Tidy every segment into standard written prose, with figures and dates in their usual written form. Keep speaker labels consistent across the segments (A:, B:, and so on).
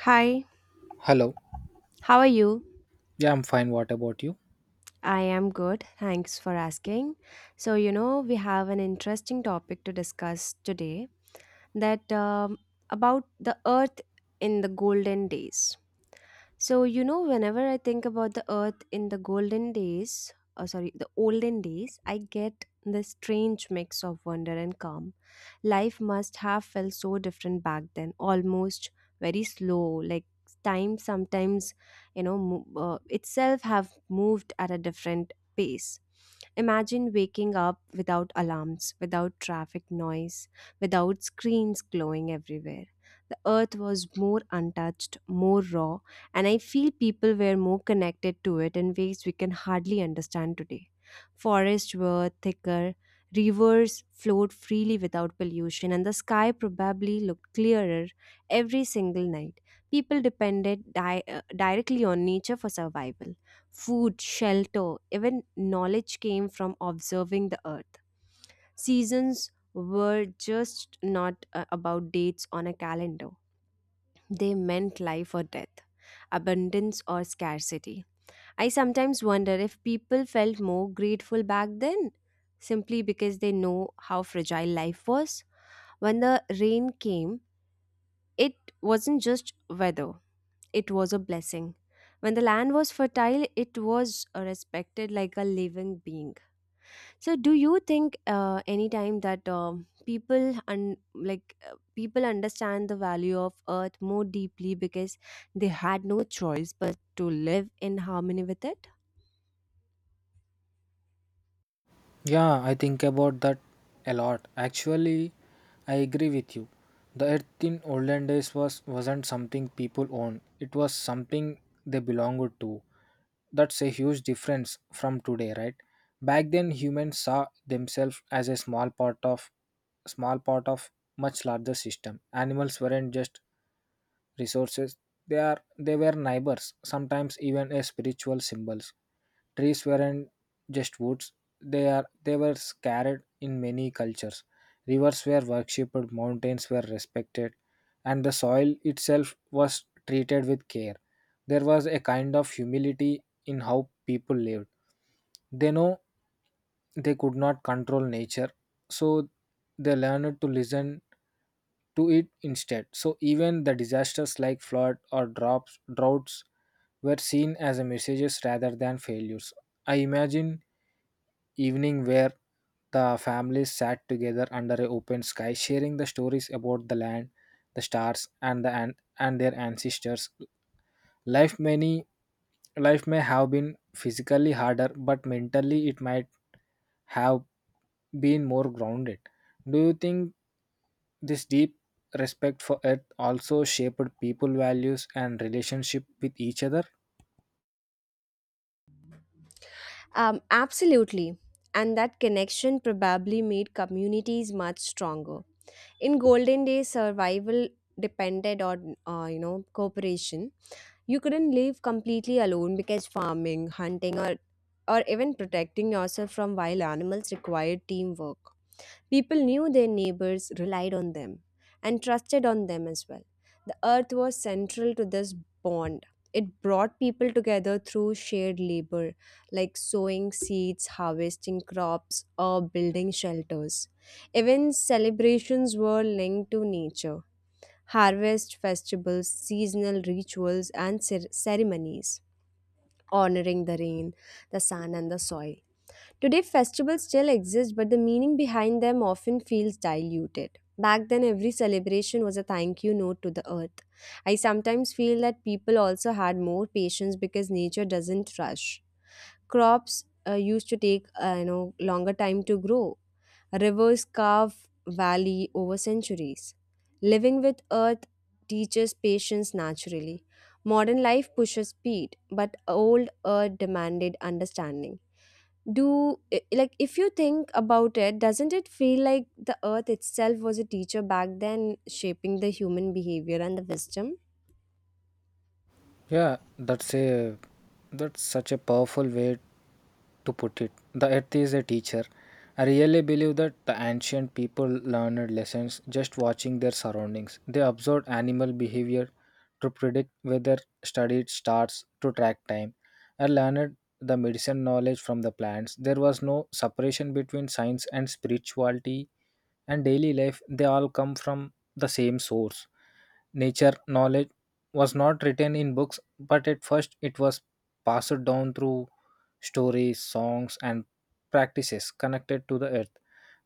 A: Hi,
B: Hello.
A: how are you?
B: Yeah, I'm fine. What about you?
A: I am good. Thanks for asking. So, you know, we have an interesting topic to discuss today that about the earth in the golden days. So, you know, whenever I think about the earth in the golden days, or sorry, the olden days, I get this strange mix of wonder and calm. Life must have felt so different back then, almost very slow, like time sometimes, itself have moved at a different pace. Imagine waking up without alarms, without traffic noise, without screens glowing everywhere. The earth was more untouched, more raw, and I feel people were more connected to it in ways we can hardly understand today. Forests were thicker, rivers flowed freely without pollution, and the sky probably looked clearer every single night. People depended directly on nature for survival. Food, shelter, even knowledge came from observing the earth. Seasons were just not about dates on a calendar. They meant life or death, abundance or scarcity. I sometimes wonder if people felt more grateful back then simply because they know how fragile life was. When the rain came, it wasn't just weather, it was a blessing. When the land was fertile, it was respected like a living being. So, do you think any time that people people understand the value of earth more deeply because they had no choice but to live in harmony with it?
B: Yeah, I think about that a lot. Actually, I agree with you. The earth in olden days wasn't something people owned. It was something they belonged to. That's a huge difference from today, right? Back then humans saw themselves as a small part of much larger system. Animals weren't just resources. They are they were neighbors, sometimes even as spiritual symbols. Trees weren't just woods, they were carried in many cultures. Rivers were worshipped, mountains were respected, and the soil itself was treated with care. There was a kind of humility in how people lived. They know they could not control nature, so they learned to listen to it instead. So even the disasters like flood or droughts were seen as a messages rather than failures. I imagine evening where the families sat together under a open sky, sharing the stories about the land, the stars, and their ancestors. Life many life may have been physically harder, but mentally it might have been more grounded. Do you think this deep respect for earth also shaped people values and relationship with each other?
A: Absolutely. And that connection probably made communities much stronger. In golden days, survival depended on, you know, cooperation. You couldn't live completely alone because farming, hunting, or even protecting yourself from wild animals required teamwork. People knew their neighbors relied on them and trusted on them as well. The earth was central to this bond. It brought people together through shared labor, like sowing seeds, harvesting crops, or building shelters. Even celebrations were linked to nature: harvest festivals, seasonal rituals, and ceremonies honoring the rain, the sun, and the soil. Today, festivals still exist, but the meaning behind them often feels diluted. Back then, every celebration was a thank you note to the earth. I sometimes feel that people also had more patience because nature doesn't rush. Crops used to take longer time to grow. Rivers carve valley over centuries. Living with earth teaches patience naturally. Modern life pushes speed, but old earth demanded understanding. Do I- like If you think about it, doesn't it feel like the earth itself was a teacher back then, shaping the human behavior and the wisdom?
B: Yeah, that's such a powerful way to put it. The earth is a teacher. I really believe that the ancient people learned lessons just watching their surroundings. They observed animal behavior to predict weather, studied stars to track time, and learned the medicine knowledge from the plants. There was no separation between science and spirituality and daily life. They all come from the same source nature knowledge was not written in books, but at first it was passed down through stories, songs, and practices connected to the earth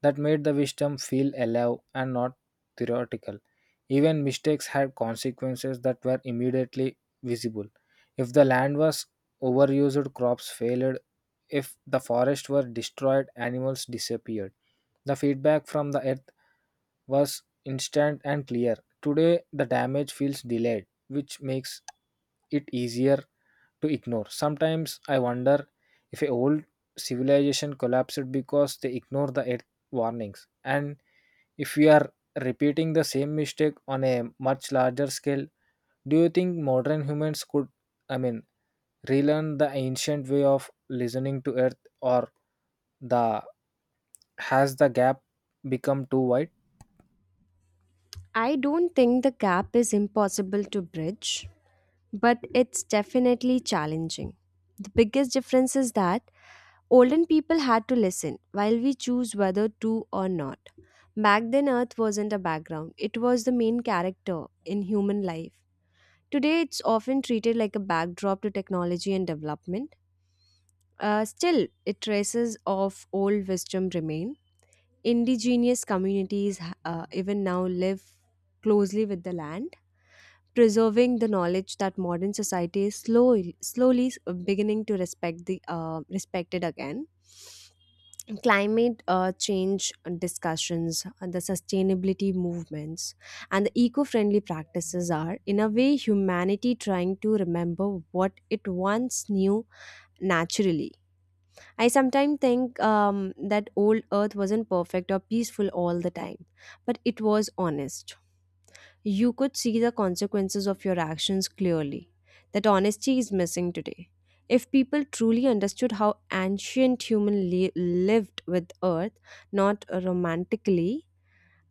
B: that made the wisdom feel alive and not theoretical. Even mistakes had consequences that were immediately visible. If the land was overused, crops failed. If the forests were destroyed, animals disappeared. The feedback from the earth was instant and clear. Today, the damage feels delayed, which makes it easier to ignore. Sometimes I wonder if a old civilization collapsed because they ignore the earth warnings, and if we are repeating the same mistake on a much larger scale. Do you think modern humans could, I mean, relearn the ancient way of listening to earth, or the has the gap become too wide?
A: I don't think the gap is impossible to bridge, but it's definitely challenging. The biggest difference is that olden people had to listen while we choose whether to or not. Back then earth wasn't a background, it was the main character in human life. Today it's often treated like a backdrop to technology and development. Still, it traces of old wisdom remain. Indigenous communities even now live closely with the land, preserving the knowledge that modern society is slowly, slowly beginning to respect the respected again. Climate change discussions, the sustainability movements, and the eco-friendly practices are, in a way, humanity trying to remember what it once knew naturally. I sometimes think that old Earth wasn't perfect or peaceful all the time, but it was honest. You could see the consequences of your actions clearly. That honesty is missing today. If people truly understood how ancient lived with Earth, not romantically,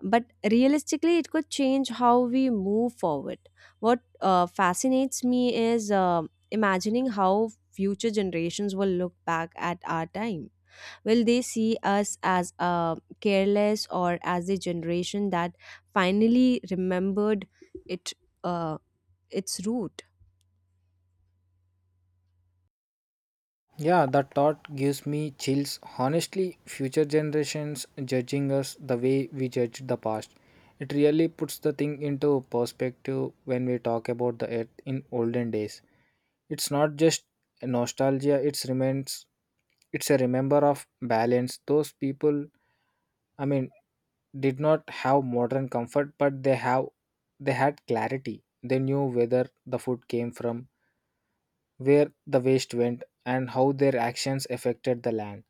A: but realistically, it could change how we move forward. What fascinates me is imagining how future generations will look back at our time. Will they see us as careless, or as a generation that finally remembered it uh, its root?
B: Yeah, that thought gives me chills. Honestly, future generations judging us the way we judged the past. It really puts the thing into perspective when we talk about the earth in olden days. It's not just nostalgia, it's a remember of balance. Those people, I mean, did not have modern comfort, but they had clarity. They knew whether the food came from, where the waste went, and how their actions affected the land.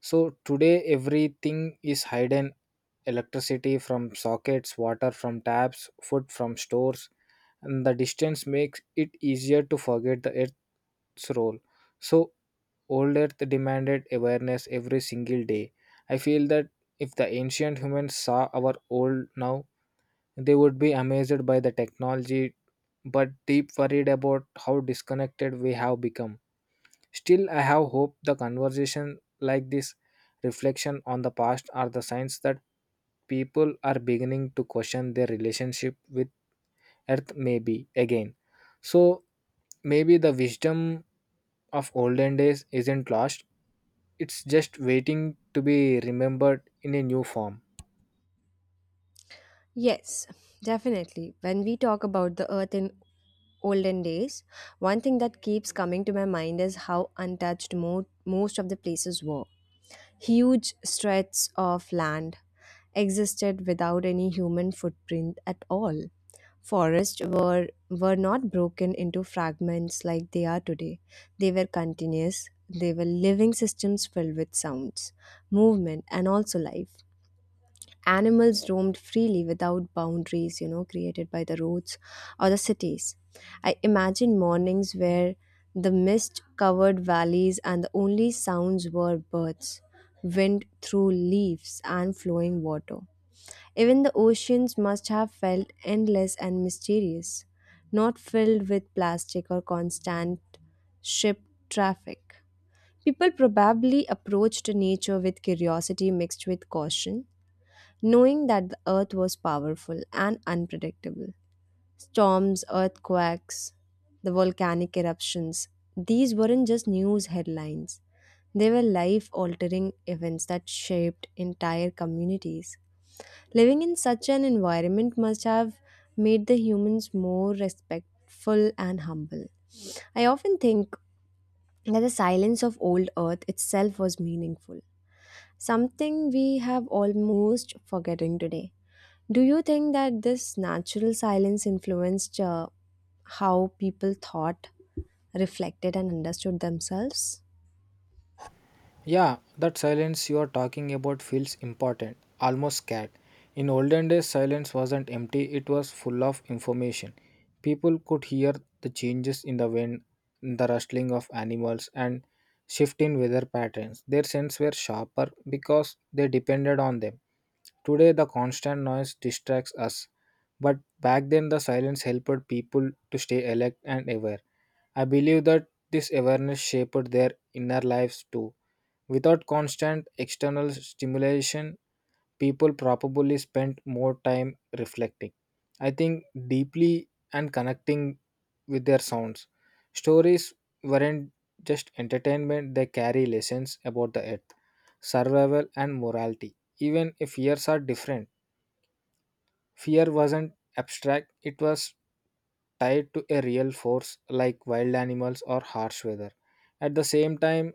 B: So today everything is hidden, electricity from sockets, water from taps, food from stores, and the distance makes it easier to forget the earth's role. So Old Earth demanded awareness every single day. I feel that if the ancient humans saw our old now, they would be amazed by the technology, but deep worried about how disconnected we have become. Still, I have hope the conversation like this, reflection on the past, are the signs that people are beginning to question their relationship with earth maybe again. So maybe the wisdom of olden days isn't lost. It's just waiting to be remembered in a new form.
A: Yes, definitely. When we talk about the earth in olden days, one thing that keeps coming to my mind is how untouched most of the places were. Huge stretches of land existed without any human footprint at all. Forests were not broken into fragments like they are today. They were continuous. They were living systems filled with sounds, movement, and also life. Animals roamed freely without boundaries, you know, created by the roads or the cities. I imagine mornings where the mist covered valleys and the only sounds were birds, wind through leaves, and flowing water. Even the oceans must have felt endless and mysterious, not filled with plastic or constant ship traffic. People probably approached nature with curiosity mixed with caution, knowing that the earth was powerful and unpredictable. Storms, earthquakes, the volcanic eruptions. These weren't just news headlines. They were life altering events that shaped entire communities. Living in such an environment must have made the humans more respectful and humble. I often think that the silence of old earth itself was meaningful, something we have almost forgetting today. Do you think that this natural silence influenced how people thought, reflected, and understood themselves?
B: Yeah, that silence you are talking about feels important, almost scared. In olden days, silence wasn't empty, it was full of information. People could hear the changes in the wind, the rustling of animals, and shift in weather patterns. Their senses were sharper because they depended on them. Today, the constant noise distracts us, but back then, the silence helped people to stay alert and aware. I believe that this awareness shaped their inner lives too. Without constant external stimulation, people probably spent more time reflecting. I think deeply and connecting with their sounds. Stories weren't just entertainment, they carry lessons about the earth, survival, and morality. Even if years are different, fear wasn't abstract, it was tied to a real force like wild animals or harsh weather. At the same time,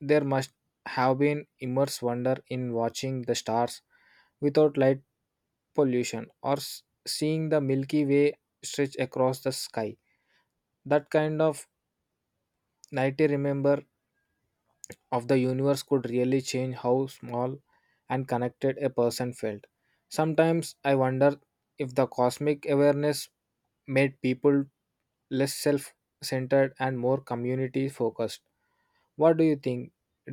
B: there must have been immense wonder in watching the stars without light pollution or seeing the Milky Way stretch across the sky. That kind of nighty remember of the universe could really change how small and connected a person felt. Sometimes I wonder if the cosmic awareness made people less self centered and more community focused. What do you think?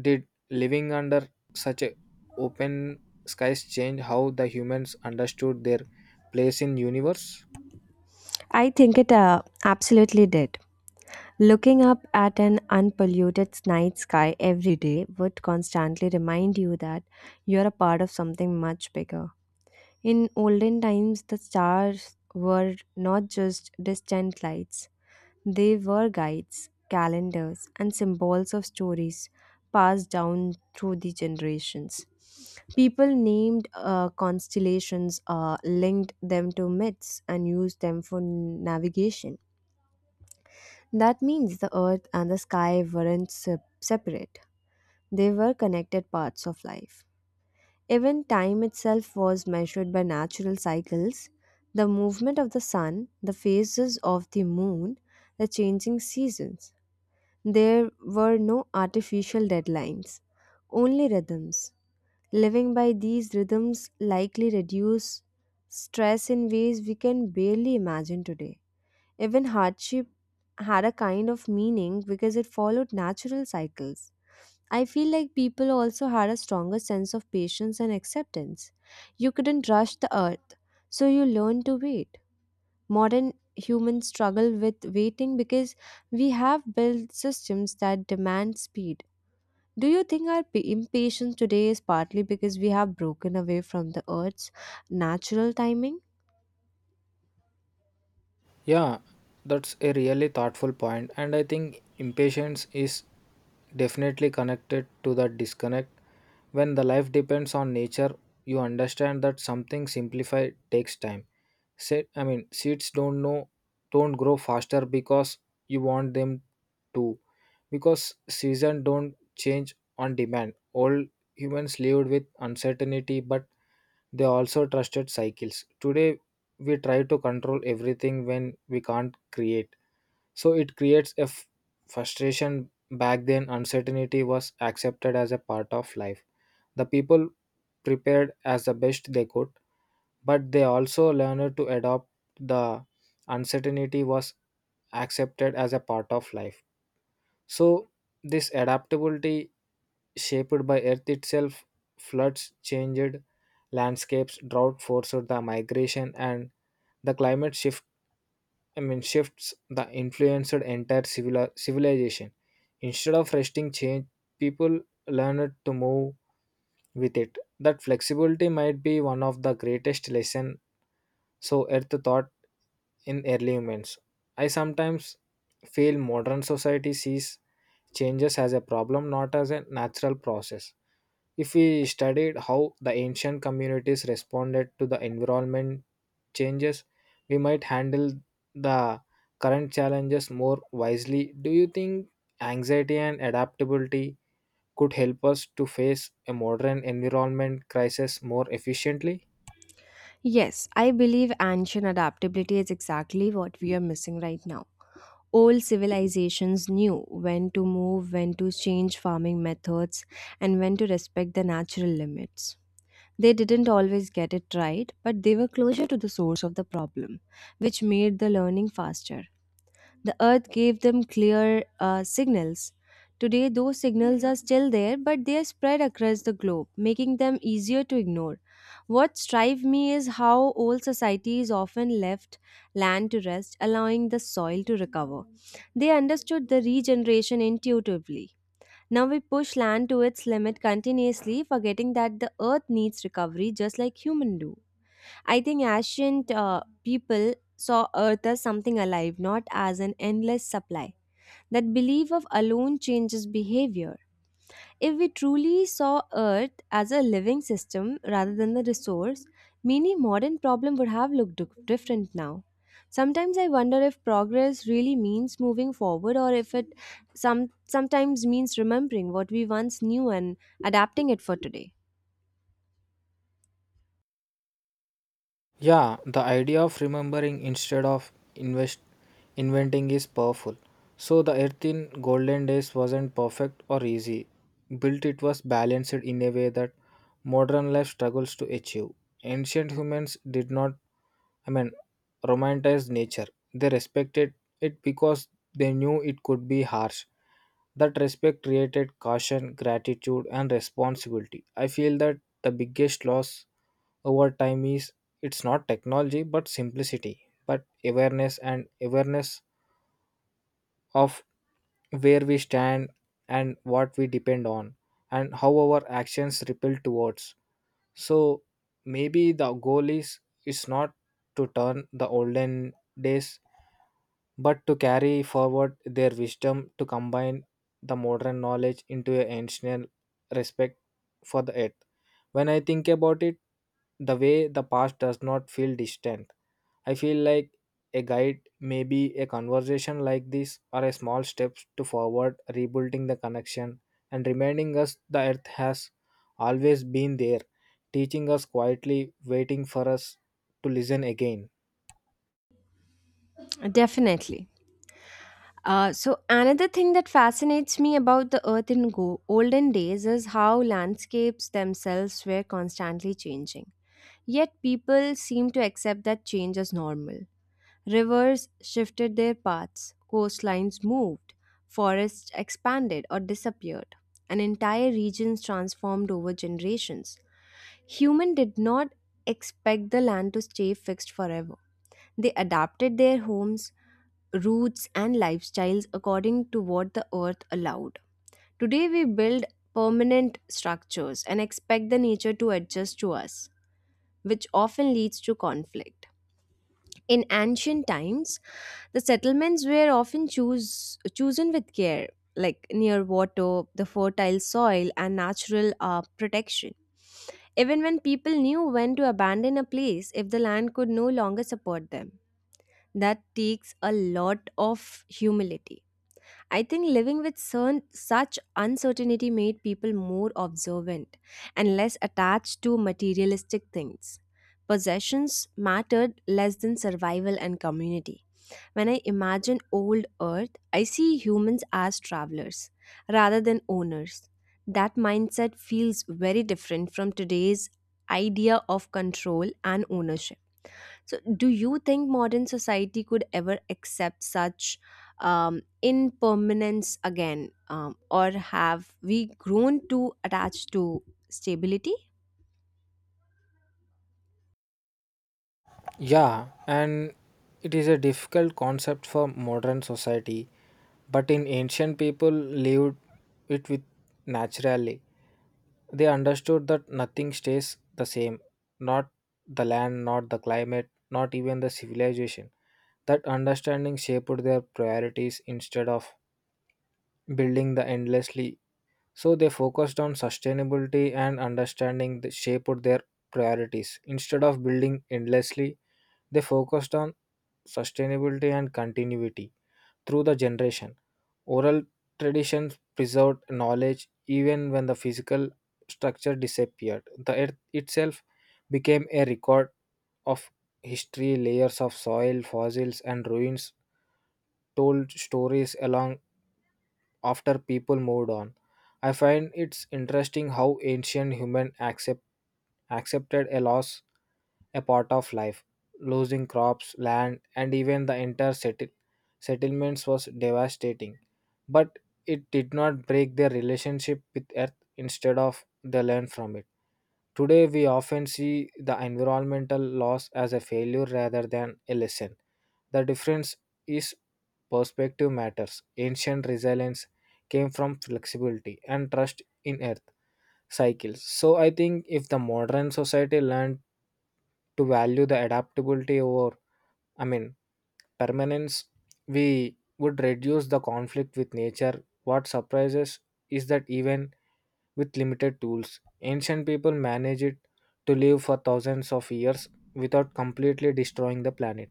B: Did living under such a open skies change how the humans understood their place in universe?
A: I think it absolutely did. Looking up at an unpolluted night sky every day would constantly remind you that you're a part of something much bigger. In olden times, the stars were not just distant lights, they were guides, calendars, and symbols of stories passed down through the generations. People named constellations, linked them to myths, and used them for navigation. That means the earth and the sky weren't separate, they were connected parts of life. Even time itself was measured by natural cycles: the movement of the sun, the phases of the moon, the changing seasons. There were no artificial deadlines, only rhythms. Living by these rhythms likely reduce stress in ways we can barely imagine today. Even hardship had a kind of meaning because it followed natural cycles. I feel like people also had a stronger sense of patience and acceptance. You couldn't rush the earth, so you learned to wait. Modern humans struggle with waiting because we have built systems that demand speed. Do you think our impatience today is partly because we have broken away from the Earth's natural timing?
B: Yeah, that's a really thoughtful point, and I think impatience is definitely connected to that disconnect. When the life depends on nature, you understand that something simplified takes time. Say, I mean, seeds don't grow faster because you want them to, because season don't change on demand. All humans lived with uncertainty, but they also trusted cycles. Today we try to control everything when we can't create, so it creates a frustration. Back then uncertainty was accepted as a part of life, the people prepared as the best they could, but they also learned to adopt the uncertainty was accepted as a part of life. So this adaptability shaped by earth itself, floods changed landscapes, drought forced the migration, and the climate shift, I mean, shifts that influenced entire civilization. Instead of resting change, people learned to move with it. That flexibility might be one of the greatest lesson so Earth thought in early humans. I sometimes feel modern society sees changes as a problem, not as a natural process. If we studied how the ancient communities responded to the environment changes, we might handle the current challenges more wisely. Do you think anxiety and adaptability could help us to face a modern environment crisis more efficiently?
A: Yes, I believe ancient adaptability is exactly what we are missing right now. Old civilizations knew when to move, when to change farming methods, and when to respect the natural limits. They didn't always get it right, but they were closer to the source of the problem, which made the learning faster. The earth gave them clear signals. Today, those signals are still there, but they are spread across the globe, making them easier to ignore. What strikes me is how old societies often left land to rest, allowing the soil to recover. They understood the regeneration intuitively. Now we push land to its limit continuously, forgetting that the earth needs recovery just like humans do. I think ancient people saw earth as something alive, not as an endless supply. That belief of alone changes behavior. If we truly saw Earth as a living system rather than a resource, many modern problems would have looked different now. Sometimes I wonder if progress really means moving forward or if it sometimes means remembering what we once knew and adapting it for today.
B: Yeah, the idea of remembering instead of invest inventing is powerful. So the earth in golden days wasn't perfect or easy. Built it was balanced in a way that modern life struggles to achieve. Ancient humans did not, I mean, romanticized nature. They respected it because they knew it could be harsh. That respect created caution, gratitude, and responsibility. I feel that the biggest loss over time is it's not technology but simplicity, but awareness and awareness of where we stand and what we depend on and how our actions ripple towards. So maybe the goal is not to turn the olden days but to carry forward their wisdom, to combine the modern knowledge into an ancient respect for the earth. When I think about it, the way the past does not feel distant, I feel like a guide, maybe a conversation like this, or a small steps to forward, rebuilding the connection and reminding us the earth has always been there, teaching us quietly, waiting for us to listen again.
A: Definitely. So another thing that fascinates me about the earth in olden days is how landscapes themselves were constantly changing. Yet people seem to accept that change as normal. Rivers shifted their paths, coastlines moved, forests expanded or disappeared, and entire regions transformed over generations. Human did not expect the land to stay fixed forever. They adapted their homes, roots, and lifestyles according to what the earth allowed. Today, we build permanent structures and expect the nature to adjust to us, which often leads to conflict. In ancient times, the settlements were often chosen with care, like near water, the fertile soil, and natural protection. Even when people knew when to abandon a place if the land could no longer support them, that takes a lot of humility. I think living with such uncertainty made people more observant and less attached to materialistic things. Possessions mattered less than survival and community. When I imagine old Earth, I see humans as travelers rather than owners. That mindset feels very different from today's idea of control and ownership. So, do you think modern society could ever accept such impermanence again, or have we grown too attached to stability?
B: Yeah, and it is a difficult concept for modern society, but in ancient people lived it with naturally. They understood that nothing stays the same, not the land, not the climate, not even the civilization. That understanding shaped their priorities instead of building the endlessly. So they focused on sustainability and understanding that shaped their priorities instead of building endlessly, they focused on sustainability and continuity through the generation. Oral traditions preserved knowledge even when the physical structure disappeared. The earth itself became a record of history, layers of soil, fossils, and ruins told stories along after people moved on. I find it's interesting how ancient human accepted a loss a part of life. Losing crops, land, and even the entire settlements was devastating. But it did not break their relationship with earth. Instead of they learned from it. Today, we often see the environmental loss as a failure rather than a lesson. The difference is perspective matters. Ancient resilience came from flexibility and trust in earth cycles. So, I think if the modern society learned to value the adaptability over, I mean, permanence, we would reduce the conflict with nature. What surprises is that even with limited tools. Ancient people managed it to live for thousands of years without completely destroying the planet.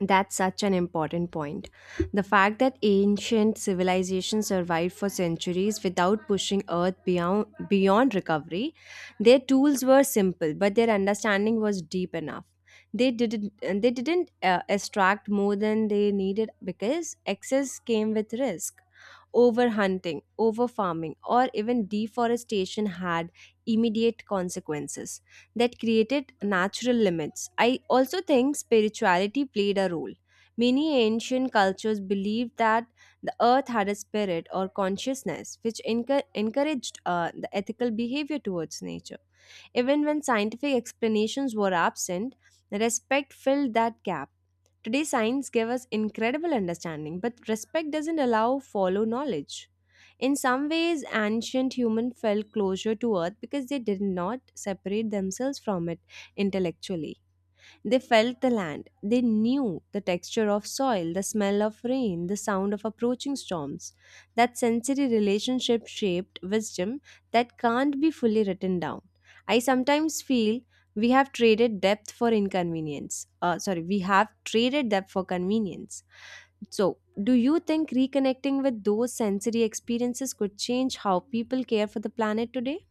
A: That's such an important point. The fact that ancient civilizations survived for centuries without pushing Earth beyond recovery, their tools were simple, but their understanding was deep enough. They didn't extract more than they needed because excess came with risk. Overhunting, overfarming, or even deforestation had immediate consequences that created natural limits. I also think spirituality played a role. Many ancient cultures believed that the earth had a spirit or consciousness, which encouraged the ethical behavior towards nature. Even when scientific explanations were absent, respect filled that gap. Today, science gives us incredible understanding, but respect doesn't allow follow knowledge. In some ways, ancient humans felt closer to earth because they did not separate themselves from it intellectually. They felt the land. They knew the texture of soil, the smell of rain, the sound of approaching storms. That sensory relationship shaped wisdom that can't be fully written down. I sometimes feel we have traded depth for inconvenience. Sorry, we have traded depth for convenience. So, do you think reconnecting with those sensory experiences could change how people care for the planet today?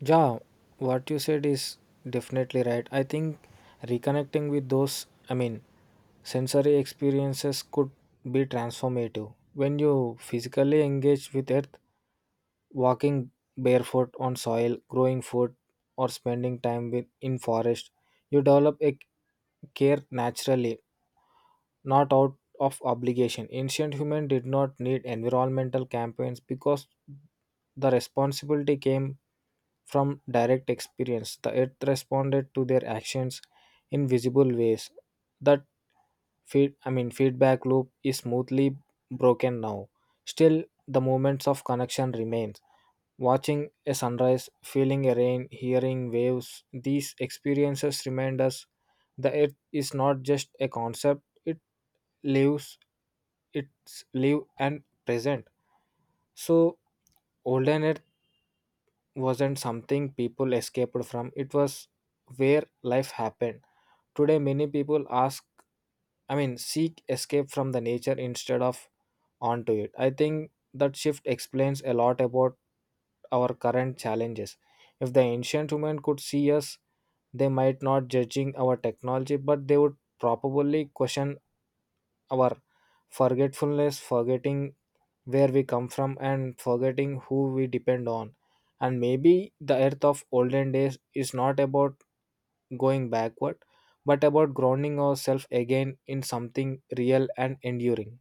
B: Yeah, what you said is definitely right. I think reconnecting with those, I mean, sensory experiences could be transformative. When you physically engage with earth, walking barefoot on soil, growing food, or spending time with in forest, you develop a care naturally not out of obligation. Ancient humans did not need environmental campaigns because the responsibility came from direct experience. The earth responded to their actions in visible ways. That feed I mean feedback loop is smoothly broken now. Still the moments of connection remains. Watching a sunrise, feeling a rain, hearing waves, these experiences remind us the earth is not just a concept, lives its live and present. So olden earth wasn't something people escaped from, it was where life happened. Today many people ask I mean seek escape from the nature instead of onto it. I think that shift explains a lot about our current challenges. If the ancient human could see us, they might not judging our technology, but they would probably question our forgetfulness, forgetting where we come from and forgetting who we depend on. And maybe the earth of olden days is not about going backward, but about grounding ourselves again in something real and enduring.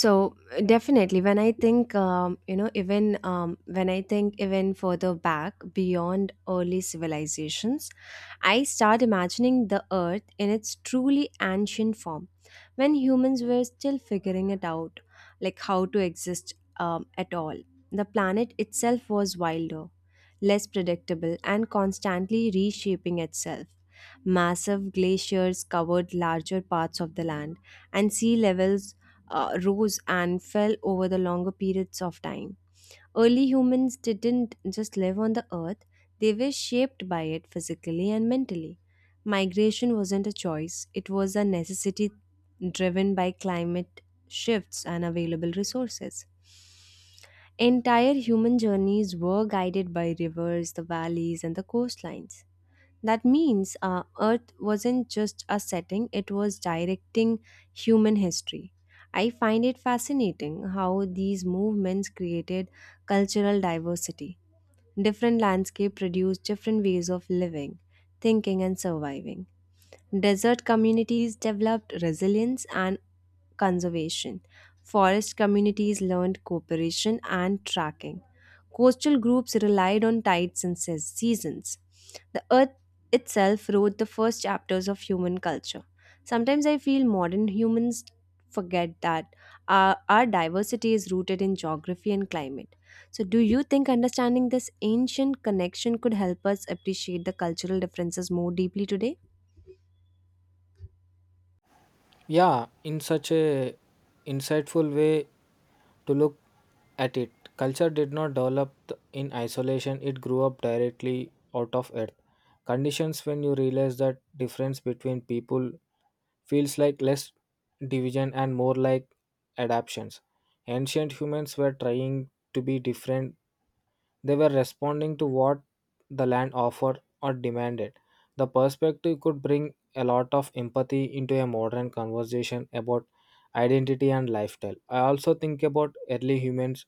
A: So definitely when I think you know even when I think even further back beyond early civilizations, I start imagining the earth in its truly ancient form, when humans were still figuring it out, like how to exist at all. The planet itself was wilder, less predictable, and constantly reshaping itself. Massive glaciers covered larger parts of the land, and sea levels rose and fell over the longer periods of time. Early humans didn't just live on the earth, they were shaped by it physically and mentally. Migration wasn't a choice, it was a necessity driven by climate shifts and available resources. Entire human journeys were guided by rivers, the valleys, and the coastlines. That means earth wasn't just a setting, it was directing human history. I find it fascinating how these movements created cultural diversity. Different landscapes produced different ways of living, thinking, and surviving. Desert communities developed resilience and conservation. Forest communities learned cooperation and tracking. Coastal groups relied on tides and seasons. The earth itself wrote the first chapters of human culture. Sometimes I feel modern humans forget that our diversity is rooted in geography and climate. So, do you think understanding this ancient connection could help us appreciate the cultural differences more deeply today?
B: Yeah, in such a insightful way to look at it, culture did not develop in isolation, it grew up directly out of earth. Conditions when you realize that difference between people feels like less division and more like adaptations. Ancient humans were trying to be different, they were responding to what the land offered or demanded. The perspective could bring a lot of empathy into a modern conversation about identity and lifestyle. I also think about early humans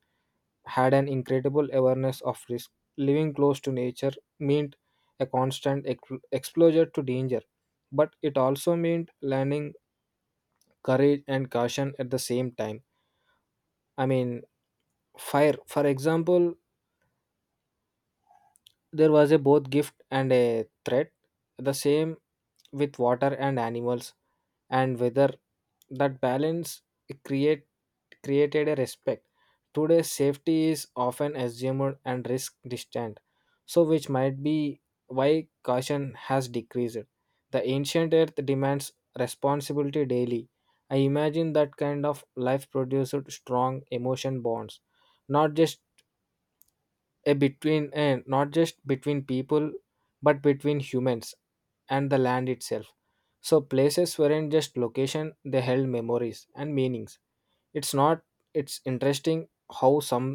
B: had an incredible awareness of risk. Living close to nature meant a constant exposure to danger, but it also meant learning courage and caution at the same time. I mean, fire for example. There was a both gift and a threat, the same with water and animals, and whether that balance create created a respect. Today, safety is often assumed and risk distant, so which might be why caution has decreased. The ancient earth demands responsibility daily. I imagine that kind of life produced strong emotion bonds, not just a between and not just between people but between humans and the land itself. So places weren't just location, they held memories and meanings. It's not it's interesting how some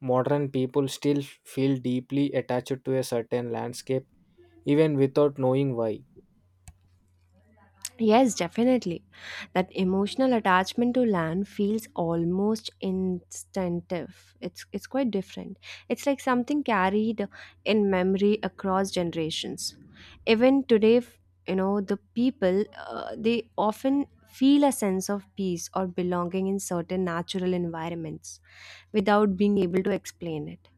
B: modern people still feel deeply attached to a certain landscape even without knowing why.
A: Yes, definitely. That emotional attachment to land feels almost instinctive. It's quite different. It's like something carried in memory across generations. Even today, the people they often feel a sense of peace or belonging in certain natural environments without being able to explain it.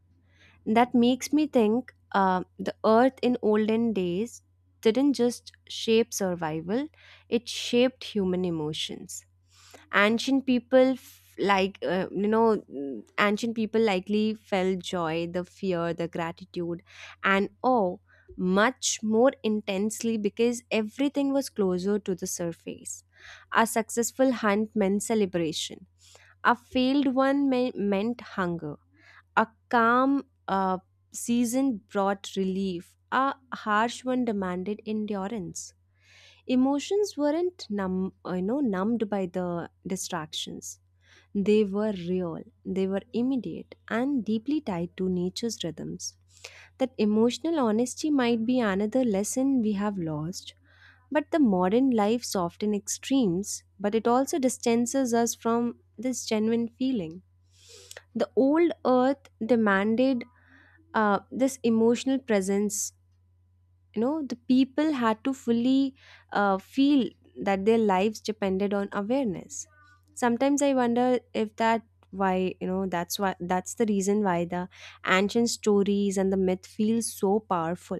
A: That makes me think the earth in olden days didn't just shape survival, it shaped human emotions. Ancient people ancient people likely felt joy, the fear, the gratitude, and awe much more intensely because everything was closer to the surface. A successful hunt meant celebration, a failed meant hunger. A calm season brought relief. A harsh one demanded endurance. Emotions weren't numbed by the distractions. They were real, they were immediate, and deeply tied to nature's rhythms. That emotional honesty might be another lesson we have lost. But the modern life soften extremes, but it also distances us from this genuine feeling. The old earth demanded this emotional presence. You know, the people had to fully feel that their lives depended on awareness. Sometimes I wonder if that why you know that's why that's the reason why the ancient stories and the myth feel so powerful.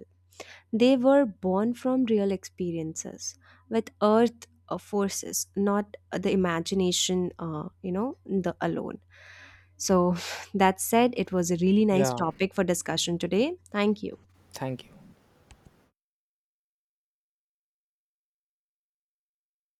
A: They were born from real experiences with earth forces, not the imagination you know the alone. So that said, it was a really nice
B: Yeah,
A: topic for discussion today. Thank you.
B: thank you.